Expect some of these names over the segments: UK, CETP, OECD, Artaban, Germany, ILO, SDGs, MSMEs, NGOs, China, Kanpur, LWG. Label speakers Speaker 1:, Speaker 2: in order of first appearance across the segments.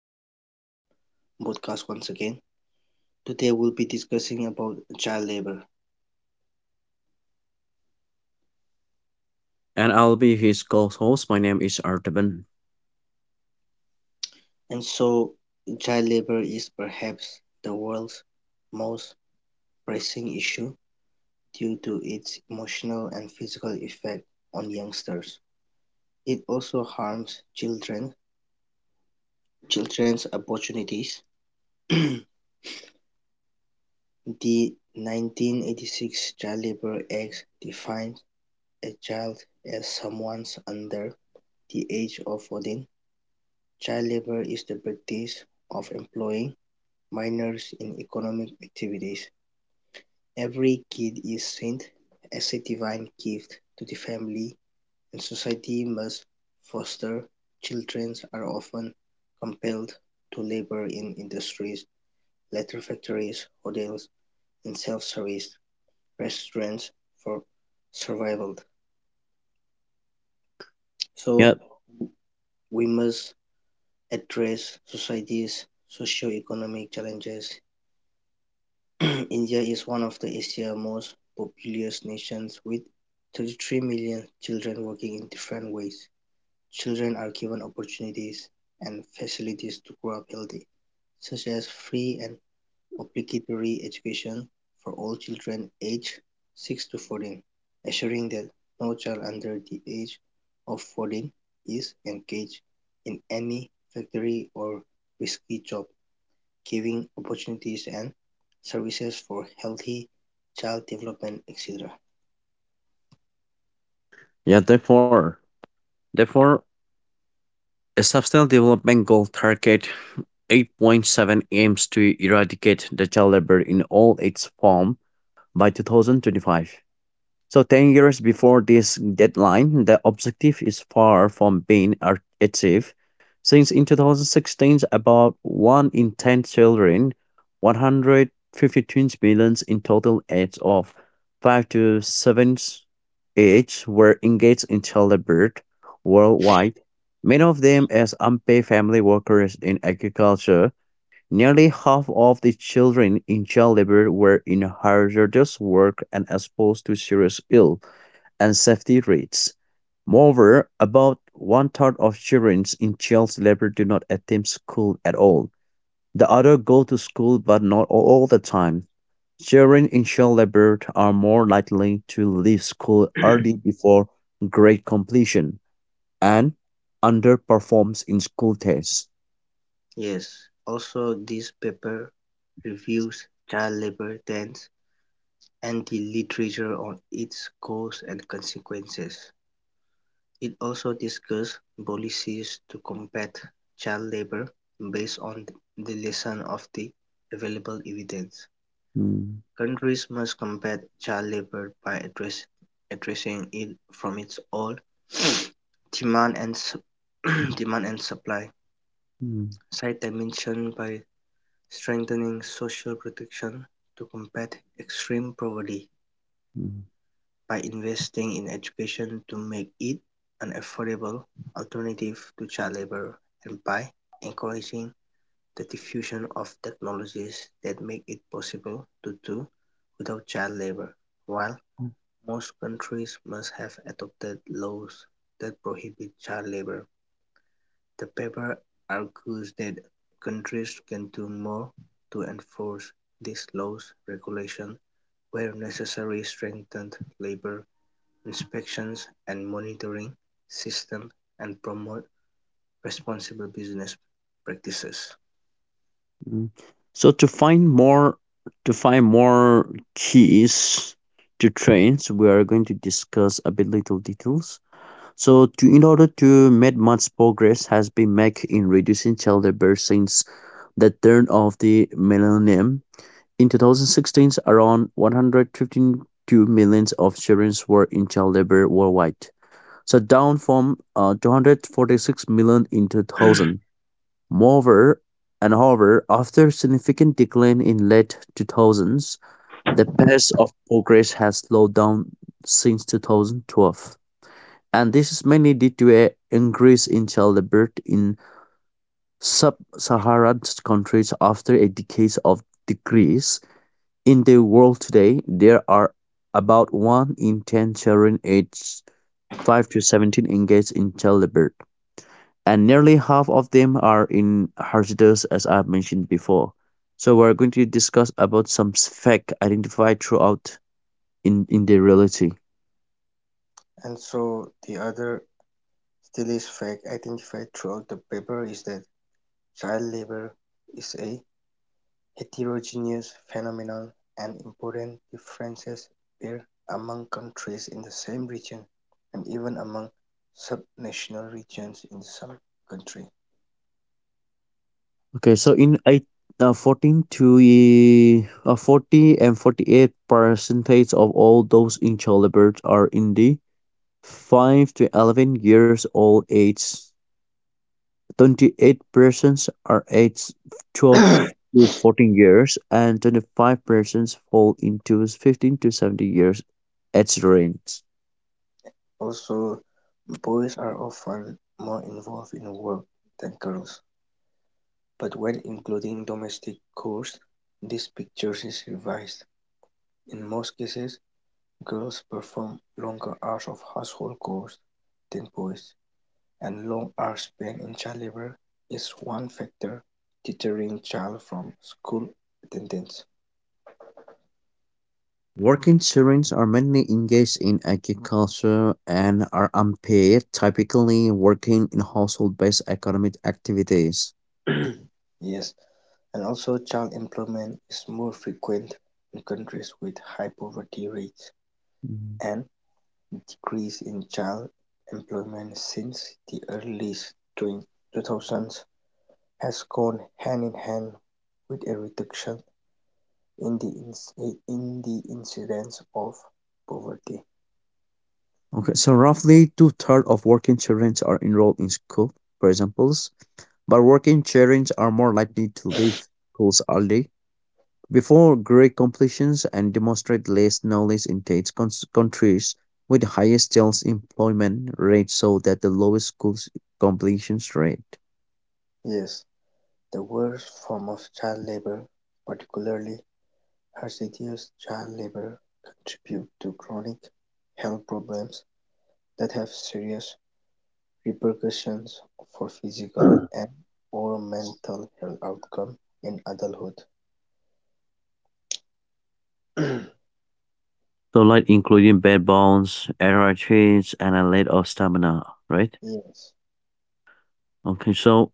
Speaker 1: Welcome back to our podcast once again. Today we'll be discussing about child labor.
Speaker 2: And I'll be his co-host. My name is Artaban.
Speaker 1: And so, child labor is perhaps the world's most pressing issue due to its emotional and physical effect on youngsters. It also harms children's opportunities. The 1986 Child Labor Act defines a child as someone under the age of 14. Child labour is the practice of employing minors in economic activities. Every kid is sent as a divine gift to the family and society must foster. Children are often compelled to labour in industries, leather factories, hotels and self-service restaurants for survival. So,
Speaker 2: Yeah,
Speaker 1: we must address society's socio-economic challenges. India is one of the Asia's most populous nations with 33 million children working in different ways. Children are given opportunities and facilities to grow up healthy, such as free and obligatory education for all children aged 6 to 14, assuring that no child under the age of 14 is engaged in any factory or risky job, giving opportunities and services for healthy child development etc.
Speaker 2: yeah, Therefore, a substantial development goal target 8.7 aims to eradicate the child labor in all its form by 2025. So 10 years before this deadline, the objective is far from being achieved, since in 2016, about 1 in 10 children, 152 million in total age of 5 to 7 age, were engaged in childbirth worldwide, many of them as unpaid family workers in agriculture. Nearly half of the children in child labor were in hazardous work and exposed to serious ill and safety rates. Moreover, about one third of children in child labor do not attend school at all. The other go to school but not all the time. Children in child labor are more likely to leave school early before grade completion and underperforms in school tests.
Speaker 1: Yes, also this paper reviews child labor trends and the literature on its cause and consequences. It also discusses policies to combat child labor based on the lesson of the available evidence.
Speaker 2: Hmm,
Speaker 1: Countries must combat child labour by addressing it from its own demand and demand and supply
Speaker 2: hmm,
Speaker 1: side dimension by strengthening social protection, to combat extreme poverty,
Speaker 2: hmm.
Speaker 1: by investing in education to make it an affordable alternative to child labour, and by encouraging the diffusion of technologies that make it possible to do without child labour, while most countries must have adopted laws that prohibit child labor. The paper argues that countries can do more to enforce these laws, regulation where necessary, strengthen labor inspections and monitoring systems and promote responsible business practices.
Speaker 2: Mm. So to find more keys to trains, we are going to discuss a bit little details. So to in order to make much progress has been made in reducing childbirth since the turn of the millennium. In 2016, around 152 millions of children were in childbirth worldwide. So down from 246 million in 2000. Moreover, and however, after significant decline in late 2000s, the pace of progress has slowed down since 2012, and this is mainly due to an increase in childbirth in sub-Saharan countries after a decade of decrease. In the world today, there are about 1 in 10 children aged 5 to 17 engaged in childbirth and nearly half of them are in hazardous as I've mentioned before. So we're going to discuss about some fact identified throughout in the reality.
Speaker 1: And so, the other still is fact identified throughout the paper is that child labor is a heterogeneous phenomena, and important differences were among countries in the same region, and even among subnational regions in some countries.
Speaker 2: Okay, so in 14 to 40 and 48 percentage of all those in childbirth are in the 5 to 11 years old age. 28 persons are aged 12 to 14 years, and 25 persons fall into 15 to 70 years age range.
Speaker 1: Also, boys are often more involved in work than girls, but when including domestic chores, this picture is revised. In most cases, girls perform longer hours of household chores than boys. And long hours spent in child labor is one factor deterring child from school attendance.
Speaker 2: Working Syrians are mainly engaged in agriculture and are unpaid, typically working in household-based economic activities.
Speaker 1: Yes, and also child employment is more frequent in countries with high poverty rates,
Speaker 2: Mhm.
Speaker 1: and decrease in child employment since the early 2000s has gone hand in hand with a reduction in the in the incidence of poverty.
Speaker 2: Okay, so roughly two-thirds of working Syrians are enrolled in school, for examples, but working Syrians are more likely to leave schools early before great completions and demonstrate less knowledge in these countries with the highest child employment rate so that the lowest school completions rate.
Speaker 1: Yes. The worst form of child labour, particularly hazardous child labour, contribute to chronic health problems that have serious repercussions for physical and/or mental health outcome in adulthood.
Speaker 2: So like including bed bounds, error traits, and a lack of stamina, right?
Speaker 1: Yes,
Speaker 2: Okay, so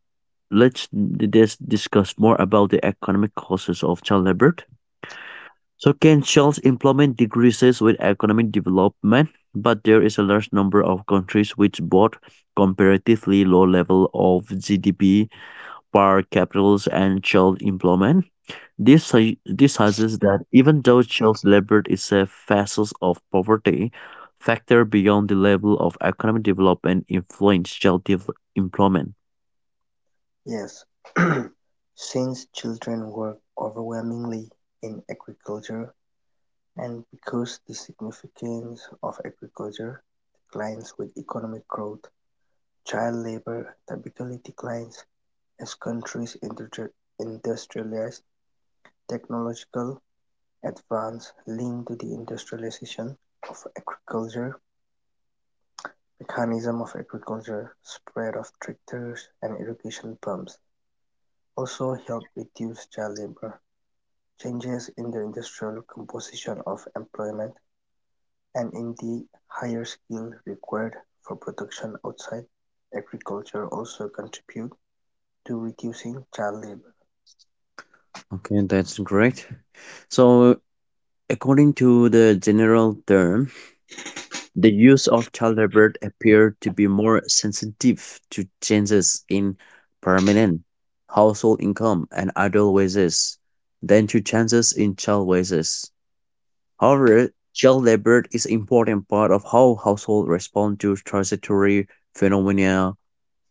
Speaker 2: let's just discuss more about the economic causes of child labor. So Kenshall's employment decreases with economic development, but there is a large number of countries which both comparatively low level of GDP per capita and child employment. This suggests that even though child labor is a facet of poverty, factor beyond the level of economic development influence child employment.
Speaker 1: yes. Since children work overwhelmingly in agriculture, and because the significance of agriculture declines with economic growth, child labour typically declines as countries industrialise; technological advance linked to the industrialization of agriculture, mechanisation of agriculture, spread of tractors and irrigation pumps, also help reduce child labour; changes in the industrial composition of employment and in the higher skill required for production outside agriculture also contribute to reducing child labour.
Speaker 2: Okay, that's great. So according to the general term, the use of child labor appeared to be more sensitive to changes in permanent household income and adult wages than to changes in child wages. However, child labor is an important part of how households respond to transitory phenomena.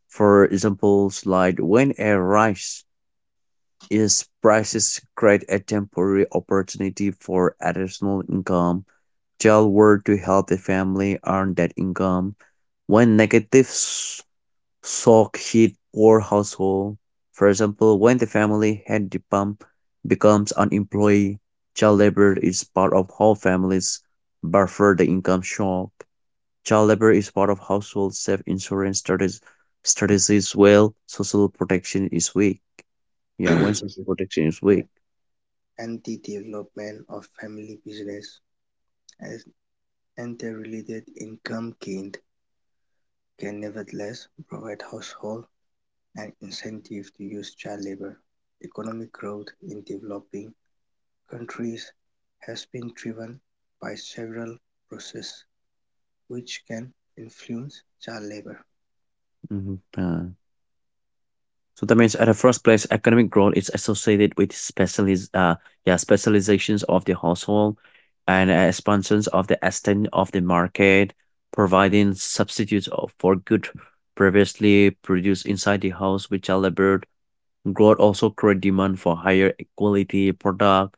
Speaker 2: For example, like when a rise in prices create a temporary opportunity for additional income Tell were to help the family earn that income. When negative shock hit poor household, for example, when the family had the pump becomes unemployed, child labor is part of how families buffer the income shock. Child labor is part of household self insurance strategies well social protection is weak. Yeah, when social protection is
Speaker 1: Yeah.
Speaker 2: weak.
Speaker 1: And the development of family business as and their related income gained can nevertheless provide household an incentive to use child labor. Economic growth in developing countries has been driven by several processes which can influence child labor.
Speaker 2: Mhm. So that means at the first place, economic growth is associated with specializations of the household and expansions of the extent of the market, providing substitutes for good previously produced inside the house with child labor. Growth also create demand for higher quality product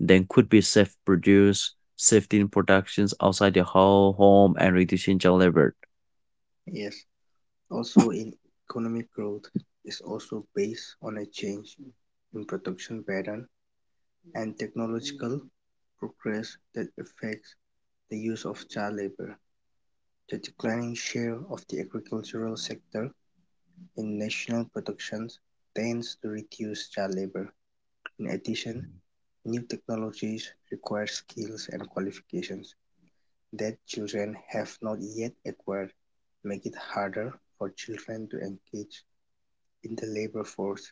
Speaker 2: then could be self-produced, shifting productions outside the whole home and reducing child labor.
Speaker 1: Yes, also in economic growth is also based on a change in production pattern and technological progress that affects the use of child labor. The declining share of the agricultural sector in national productions tends to reduce child labor. In addition, new technologies require skills and qualifications that children have not yet acquired, make it harder for children to engage in the labor force.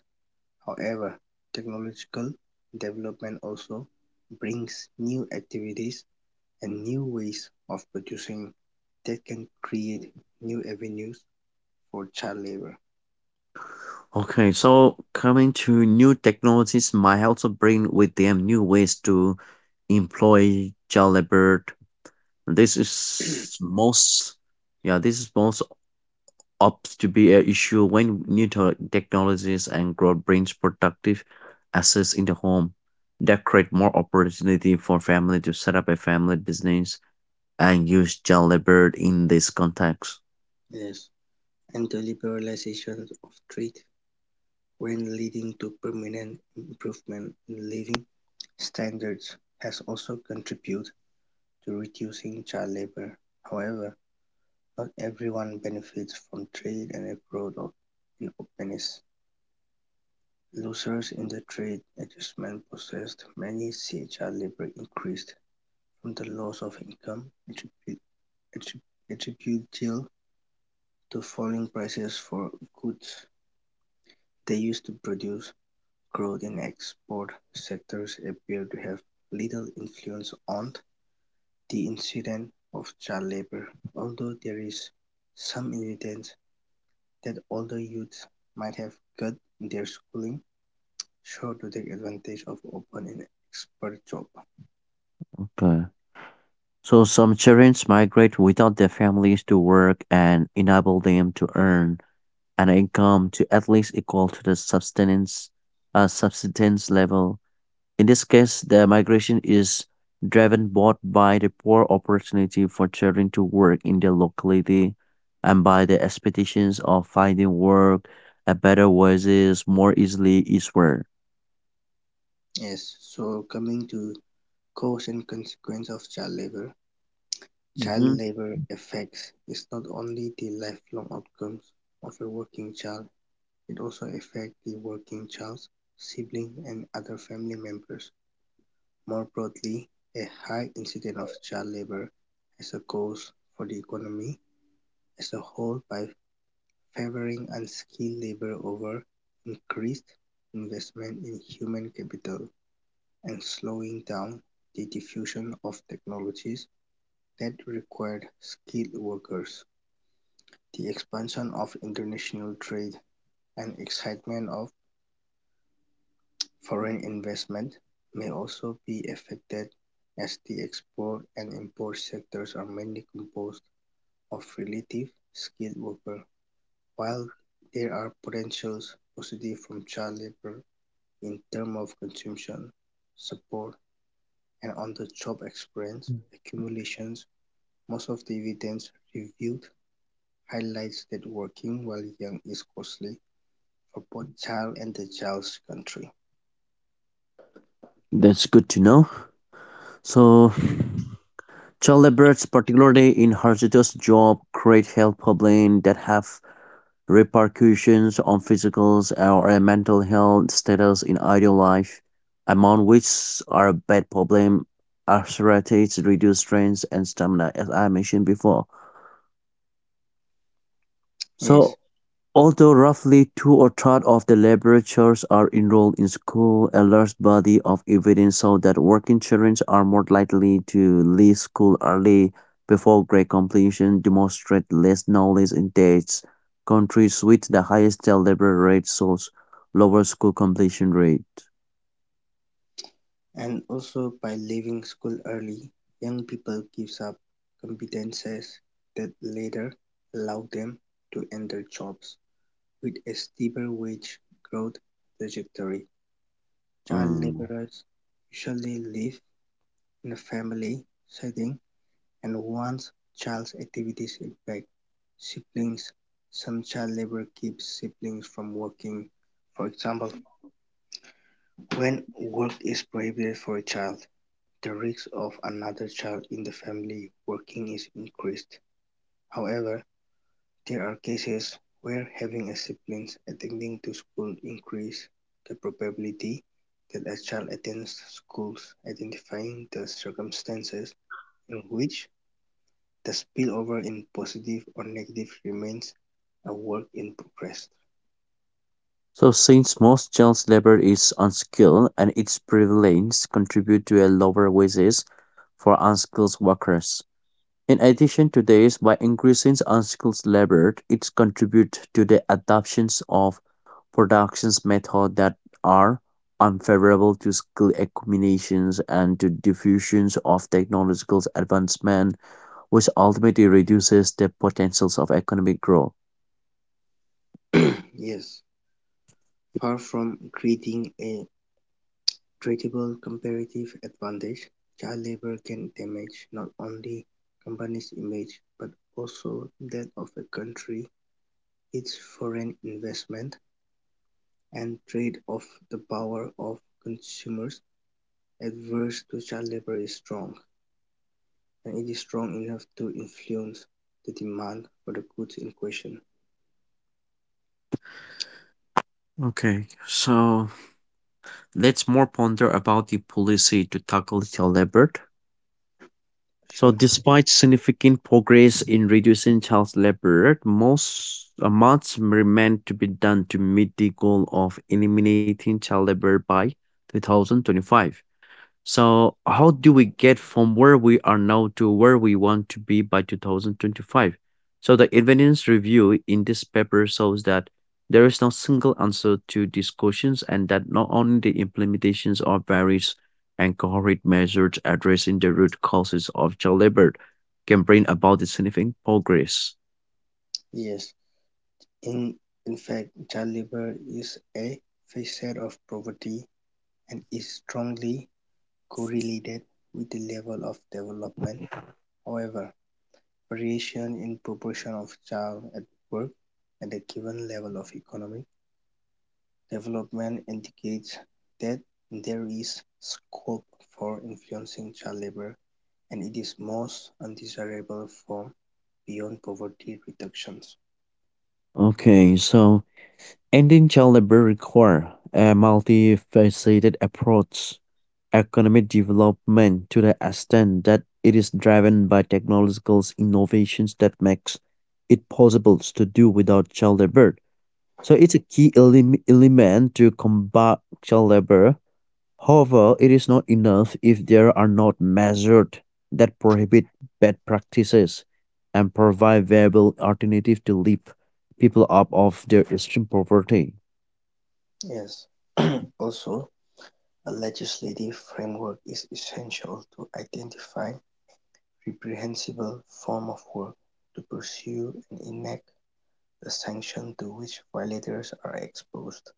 Speaker 1: However, technological development also brings new activities and new ways of producing that can create new avenues for child labor.
Speaker 2: Okay, so coming to new technologies might also bring with them new ways to employ child labor. This is most, yeah, this is most ups to be an issue when new technologies and growth brings productive assets in the home that create more opportunity for family to set up a family business and use child labor in this context.
Speaker 1: Yes, and the liberalization of trade, when leading to permanent improvement in living standards, has also contributed to reducing child labor. However, not everyone benefits from trade and a growth of openness. Losers in the trade adjustment process many see child labor increased from the loss of income attributable to falling prices for goods they used to produce. Growth in export sectors appeared to have little influence on the incidence of child labor, although there is some evidence that older youths might have cut their schooling short to take advantage of open and expert job.
Speaker 2: Okay. So some children migrate without their families to work and enable them to earn an income to at least equal to the subsistence level. In this case, the migration is driven both by the poor opportunity for children to work in their locality and by the expectations of finding work at better wages more easily eastward.
Speaker 1: Yes, so coming to cause and consequence of child labor, child
Speaker 2: Hmm.
Speaker 1: labour affects is not only the lifelong outcomes of a working child, it also affects the working child's sibling and other family members. More broadly, a high incidence of child labour has a cost for the economy as a whole by favouring unskilled labour over increased investment in human capital and slowing down the diffusion of technologies that required skilled workers. The expansion of international trade and excitement of foreign investment may also be affected, as the export and import sectors are mainly composed of relative skilled workers, while there are potential positives from child labor in terms of consumption, support, and on-the-job experience accumulations. Most of the evidence reviewed highlights that working while young is costly, of both child and the child's country.
Speaker 2: That's good to know. So, child laborers, particularly in hazardous job, create health problems that have repercussions on physical or mental health status in adult life, among which are bad problem, arthritis, reduced strength and stamina, as I mentioned before.
Speaker 1: Yes,
Speaker 2: So although roughly 2 or third of the laboratories are enrolled in school, a large body of evidence shows that working children are more likely to leave school early before grade completion, demonstrate less knowledge intakes. Countries with the highest child labor rate shows lower school completion rate.
Speaker 1: and also by leaving school early, young people gives up competences that later allow them to enter jobs with a steeper wage growth trajectory. Child
Speaker 2: Mm.
Speaker 1: laborers usually live in a family setting, and once child's activities impact siblings, some child labor keeps siblings from working. For example, when work is prohibited for a child, the risk of another child in the family working is increased. However, there are cases where having a sibling attending to school increases the probability that a child attends schools. Identifying the circumstances in which the spillover in positive or negative remains a work in progress.
Speaker 2: So since most child labor is unskilled and its prevalence contribute to a lower wages for unskilled workers. In addition to this, by increasing unskilled labor, it contributes to the adoptions of production methods that are unfavorable to skill accumulations and to diffusions of technological advancements which ultimately reduces the potentials of economic growth.
Speaker 1: Yes, far from creating a treatable comparative advantage: child labor can damage not only company's image but also that of a country, its foreign investment, and trade-off. The power of consumers adverse to child labor is strong, and it is strong enough to influence the demand for the goods in question.
Speaker 2: Okay, so let's more ponder about the policy to tackle the labor. So,
Speaker 1: Sure,
Speaker 2: despite significant progress in reducing child labor, most much remains to be done to meet the goal of eliminating child labor by 2025. So, how do we get from where we are now to where we want to be by 2025? So, the evidence review in this paper shows that there is no single answer to these questions and that not only the implementations of various and cohort measures addressing the root causes of child labor can bring about the significant progress.
Speaker 1: yes. In, in fact, child labor is a facet of poverty and is strongly correlated with the level of development. However, variation in proportion of child at work at a given level of economic development indicates that there is scope for influencing child labor and its most undesirable form beyond poverty reductions.
Speaker 2: Okay, so ending child labor require a multifaceted approach. Economic development to the extent that it is driven by technological innovations that makes it possible to do without child labor. So it's a key element to combat child labor. However, it is not enough if there are not measures that prohibit bad practices and provide viable alternatives to lift people up of their extreme poverty.
Speaker 1: Yes, also, a legislative framework is essential to identify reprehensible form of work, to pursue and enact the sanctions to which violators are exposed.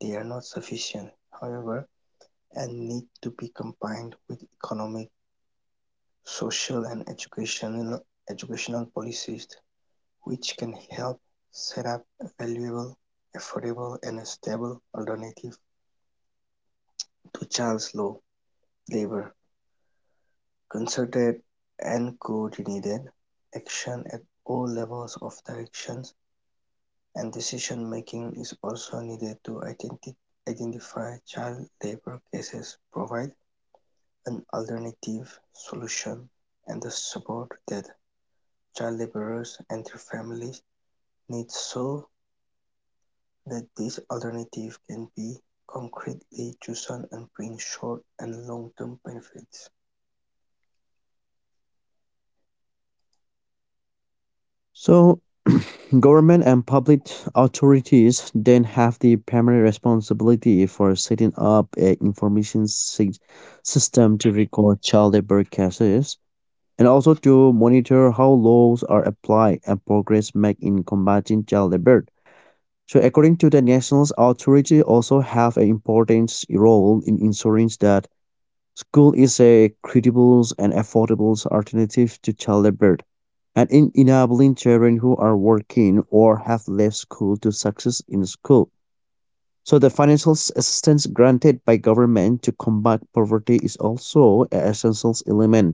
Speaker 1: They are not sufficient, however, and need to be combined with economic, social and educational policies which can help set up a valuable, affordable and stable alternative to child law labor. Concerted and coordinated action at all levels of directions and decision-making is also needed to identify child labour cases, provide an alternative solution and the support that child labourers and their families need so that this alternative can be concretely chosen and bring short and long-term benefits.
Speaker 2: So, government and public authorities then have the primary responsibility for setting up an information system to record child labor cases and also to monitor how laws are applied and progress made in combating child labor. So, according to the national authority, also have an important role in ensuring that school is a credible and affordable alternative to childbirth, and in enabling children who are working or have left school to success in school. So the financial assistance granted by government to combat poverty is also an essential element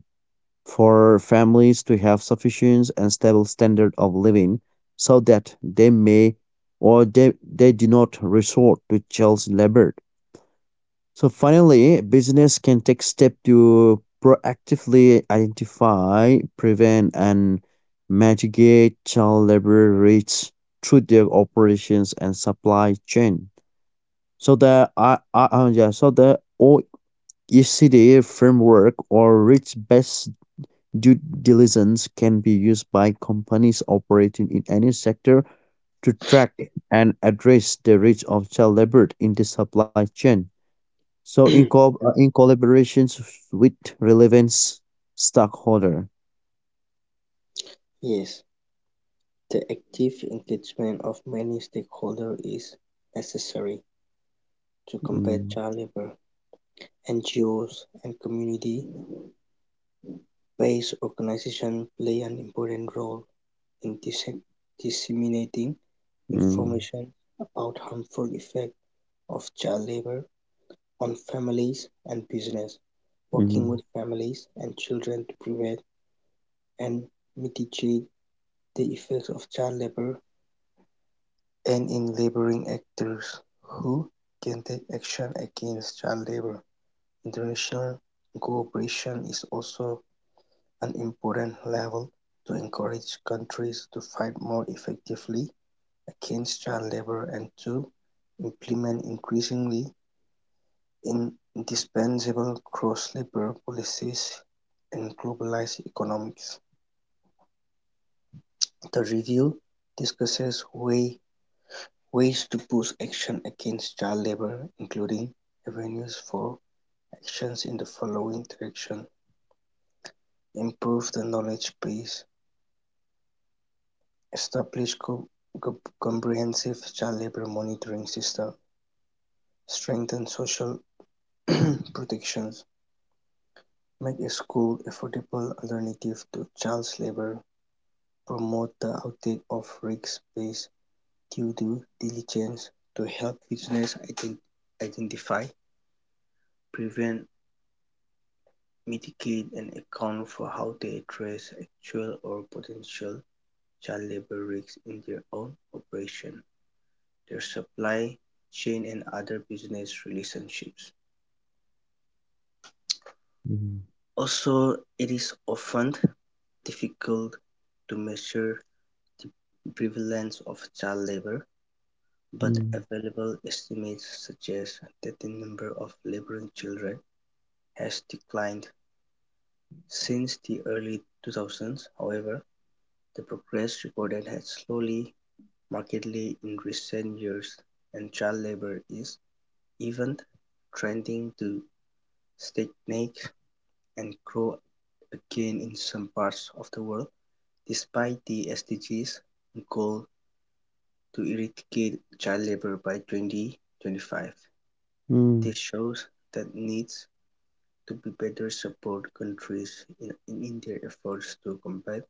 Speaker 2: for families to have sufficient and stable standard of living so that they may or they do not resort to child labor. So finally, business can take step to proactively identify, prevent, and mitigate child labor rates through their operations and supply chain. So the OECD framework or risk based due diligence can be used by companies operating in any sector to track and address the risk of child labor in the supply chain. So in collaborations with relevant stockholder.
Speaker 1: Yes, the active engagement of many stakeholders is necessary to combat
Speaker 2: Mm.
Speaker 1: child labour. NGOs and community base organizations play an important role in disseminating
Speaker 2: Mm.
Speaker 1: information about harmful effects of child labor on families and business, working
Speaker 2: Mm.
Speaker 1: with families and children to prevent and mitigate the effects of child labor, and in labeling actors who can take action against child labor. International cooperation is also an important level to encourage countries to fight more effectively against child labor and to implement increasingly indispensable cross-labor policies in globalized economics. The review discusses ways to boost action against child labor, including avenues for actions in the following direction: improve the knowledge base, establish co comprehensive child labour monitoring system, strengthen social protections, make schools affordable alternative to child labour, promote the audit of risk-based due to diligence to help businesses identify, prevent, mitigate and account for how they address actual or potential child labour risks in their own operation, their supply chain and other business relationships.
Speaker 2: Mm.
Speaker 1: Also, it is often difficult to measure the prevalence of child labor, but
Speaker 2: Mm.
Speaker 1: available estimates suggest that the number of laboring children has declined since the early 2000s. However, the progress recorded has slowly markedly in recent years, and child labor is even trending to stagnate and grow again in some parts of the world, despite the SDGs goal to eradicate child labor by 2025. This
Speaker 2: Mm.
Speaker 1: shows that needs to be better support countries in their efforts to combat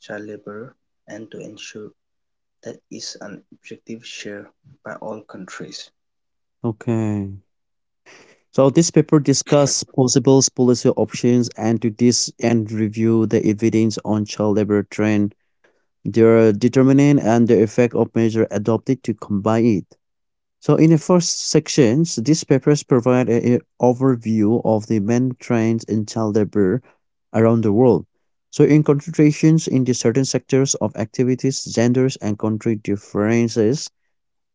Speaker 1: child labor and to ensure that is an objective shared by all countries.
Speaker 2: Okay. So this paper discuss possible policy options and to this end review the evidence on child labor trend, their determinant and the effect of measure adopted to combine it. So in the first sections, these papers provide an overview of the main trends in child labor around the world. So in concentrations in the certain sectors of activities, genders and country differences,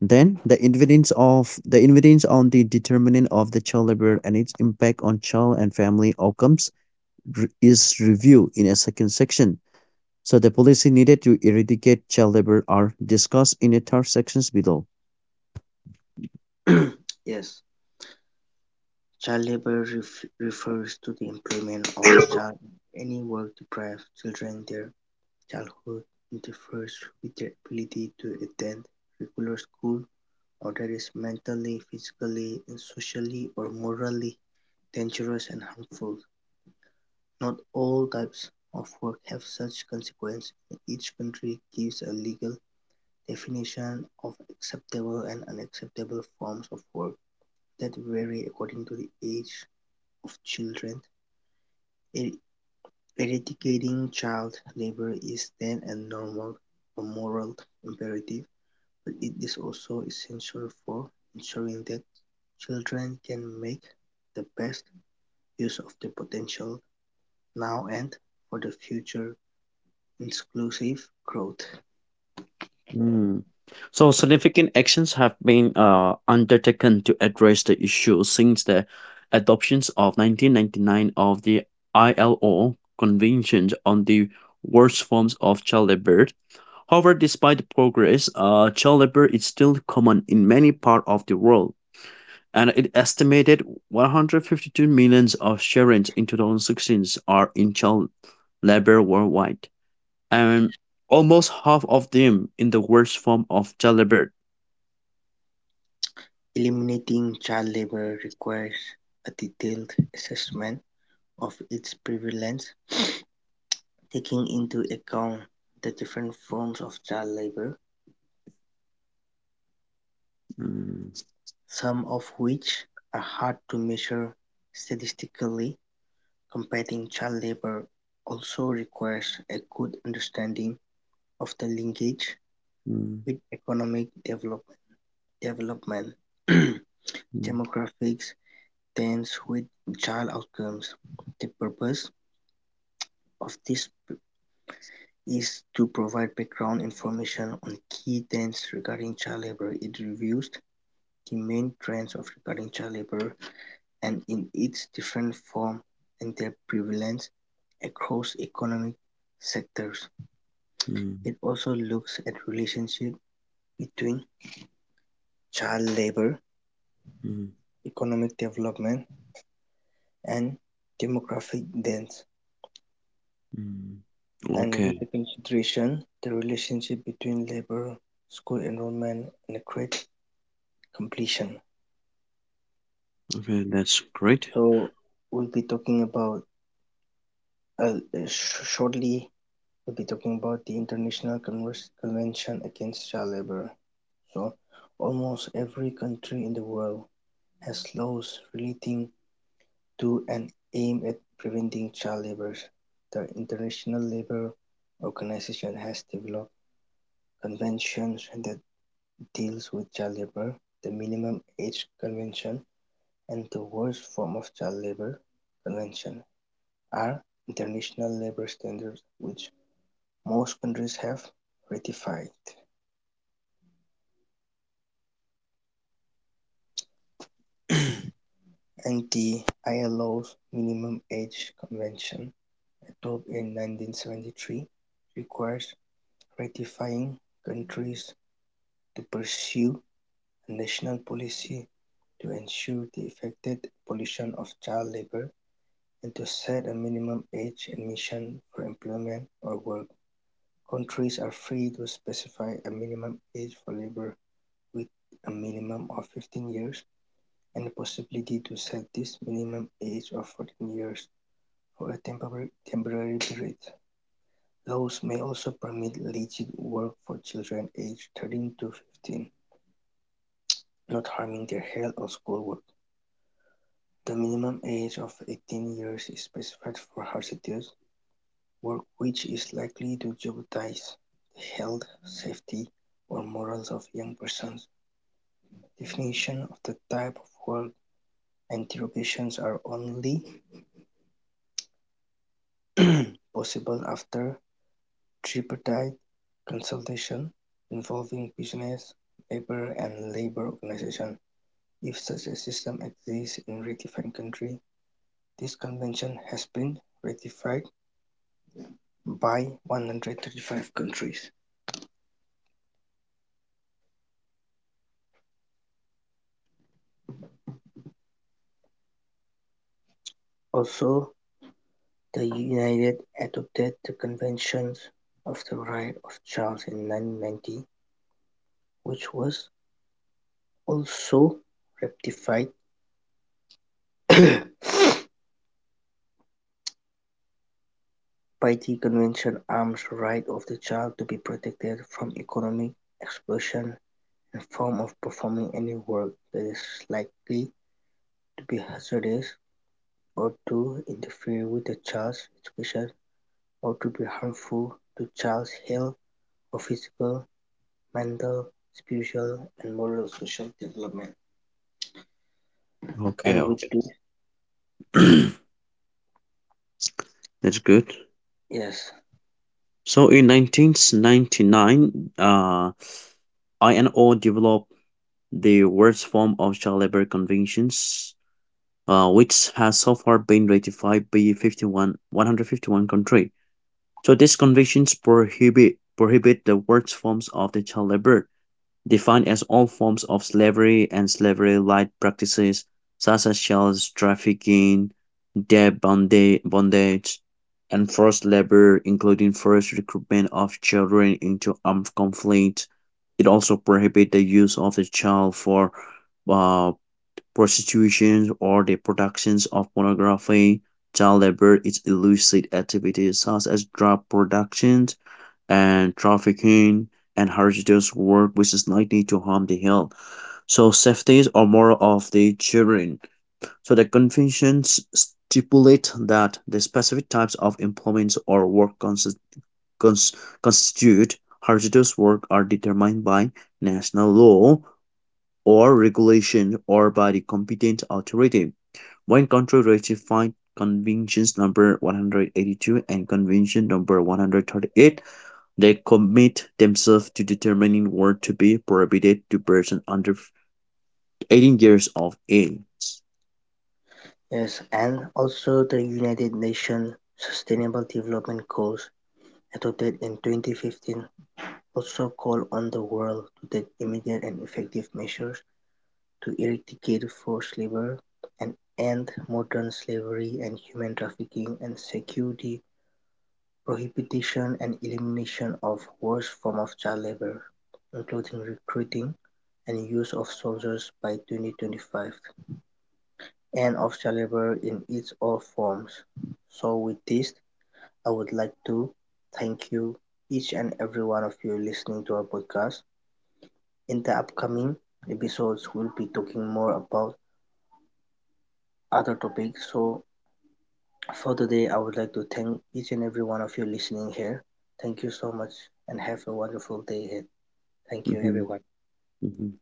Speaker 2: then the evidence on the determinant of the child labor and its impact on child and family outcomes is reviewed in a second section. So the policy needed to eradicate child labor are discussed in the third sections below.
Speaker 1: Yes, child labor refers to the employment of child, any work deprives children their childhood, interferes with their ability to attend regular school, or that is mentally, physically, and socially or morally dangerous and harmful. Not all types of work have such consequence, and each country gives a legal definition of acceptable and unacceptable forms of work that vary according to the age of children. E- Eradicating child labor is then a normal or moral imperative. It is also essential for ensuring that children can make the best use of their potential now and for the future inclusive growth.
Speaker 2: Hmm. So significant actions have been undertaken to address the issue since the adoptions of 1999 of the ILO Convention on the Worst Forms of Child Labor. However, despite the progress, child labor is still common in many parts of the world, and it estimated 152 millions of children in 2016 are in child labor worldwide, and almost half of them in the worst form of child labor.
Speaker 1: Eliminating child labor requires a detailed assessment of its prevalence, taking into account the different forms of child labor,
Speaker 2: Mm.
Speaker 1: some of which are hard to measure statistically. Combating child labour also requires a good understanding of the linkage
Speaker 2: Mm.
Speaker 1: with economic develop development,
Speaker 2: Mm.
Speaker 1: demographics trends with child outcomes. The purpose of this is to provide background information on key trends regarding child labour. It reviews the main trends of regarding child labour and in its different form and their prevalence across economic sectors.
Speaker 2: Mm.
Speaker 1: It also looks at relationships between child labour,
Speaker 2: Mm.
Speaker 1: economic development and demographic deaths,
Speaker 2: Mm.
Speaker 1: and with the
Speaker 2: Okay,
Speaker 1: consideration the relationship between labour, school enrollment and grade completion.
Speaker 2: okay, that's great.
Speaker 1: So we'll be talking about, shortly we'll be talking about the International Convers- Convention Against Child Labor. So almost every country in the world has laws relating to and aim at preventing child labour. The International Labour Organization has developed conventions that deals with child labour. The Minimum Age Convention and the Worst Form of Child Labour Convention are international labour standards which most countries have ratified, and the ILO's Minimum Age Convention, adopted in 1973, requires ratifying countries to pursue a national policy to ensure the effective abolition of child labor and to set a minimum age admission for employment or work. Countries are free to specify a minimum age for labor with a minimum of 15 years and the possibility to set this minimum age of 14 years for a temporary period. Laws may also permit legit work for children aged 13 to 15, not harming their health or schoolwork. The minimum age of 18 years is specified for hazardous work which is likely to jeopardize the health, safety, or morals of young persons. Definition of the type of work and derogations are only possible after tripartite consultation involving business, labor, and labor organization, if such a system exists in a ratified country. This convention has been ratified by 135 countries. Also the United adopted the Convention of the Right of the Child in 1990, which was also ratified by the Convention arms the right of the child to be protected from economic exploitation and form of performing any work that is likely to be hazardous or to interfere with the child's education or to be harmful to child's health for physical, mental, spiritual and moral social development.
Speaker 2: Okay,
Speaker 1: And with
Speaker 2: okay.
Speaker 1: this,
Speaker 2: That's good.
Speaker 1: yes,
Speaker 2: So in 1999, INO developed the worst form of child labor conventions, which has so far been ratified by 151 countries. So these conventions prohibit the worst forms of the child labor defined as all forms of slavery and slavery-like practices such as child trafficking, debt bondage, and forced labor, including forced recruitment of children into armed conflict. It also prohibits the use of the child for uh, prostitution or the productions of pornography. Child labor is illicit activities such as drug production and trafficking and hazardous work which is likely to harm the health. So safety or moral of the children. So the conventions stipulate that the specific types of employment or work cons- constitute hazardous work are determined by national law or regulation or by the competent authority. When country ratified Conventions number 182 and Convention number 138 they commit themselves to determining what to be prohibited to persons under 18 years of age.
Speaker 1: yes, and also the United Nations Sustainable Development Goals adopted in 2015 also call on the world to take immediate and effective measures to eradicate forced labor and end modern slavery and human trafficking and secure the prohibition and elimination of worst forms of child labour, including recruiting and use of soldiers by 2025. End of child labour in its all forms. So with this, I would like to thank you, each and every one of you listening to our podcast. In the upcoming episodes, we'll be talking more about other topics. So for today, I would like to thank each and every one of you listening here. Thank you so much and have a wonderful day ahead. Thank you,
Speaker 2: Mhm,
Speaker 1: everyone.
Speaker 2: mhm.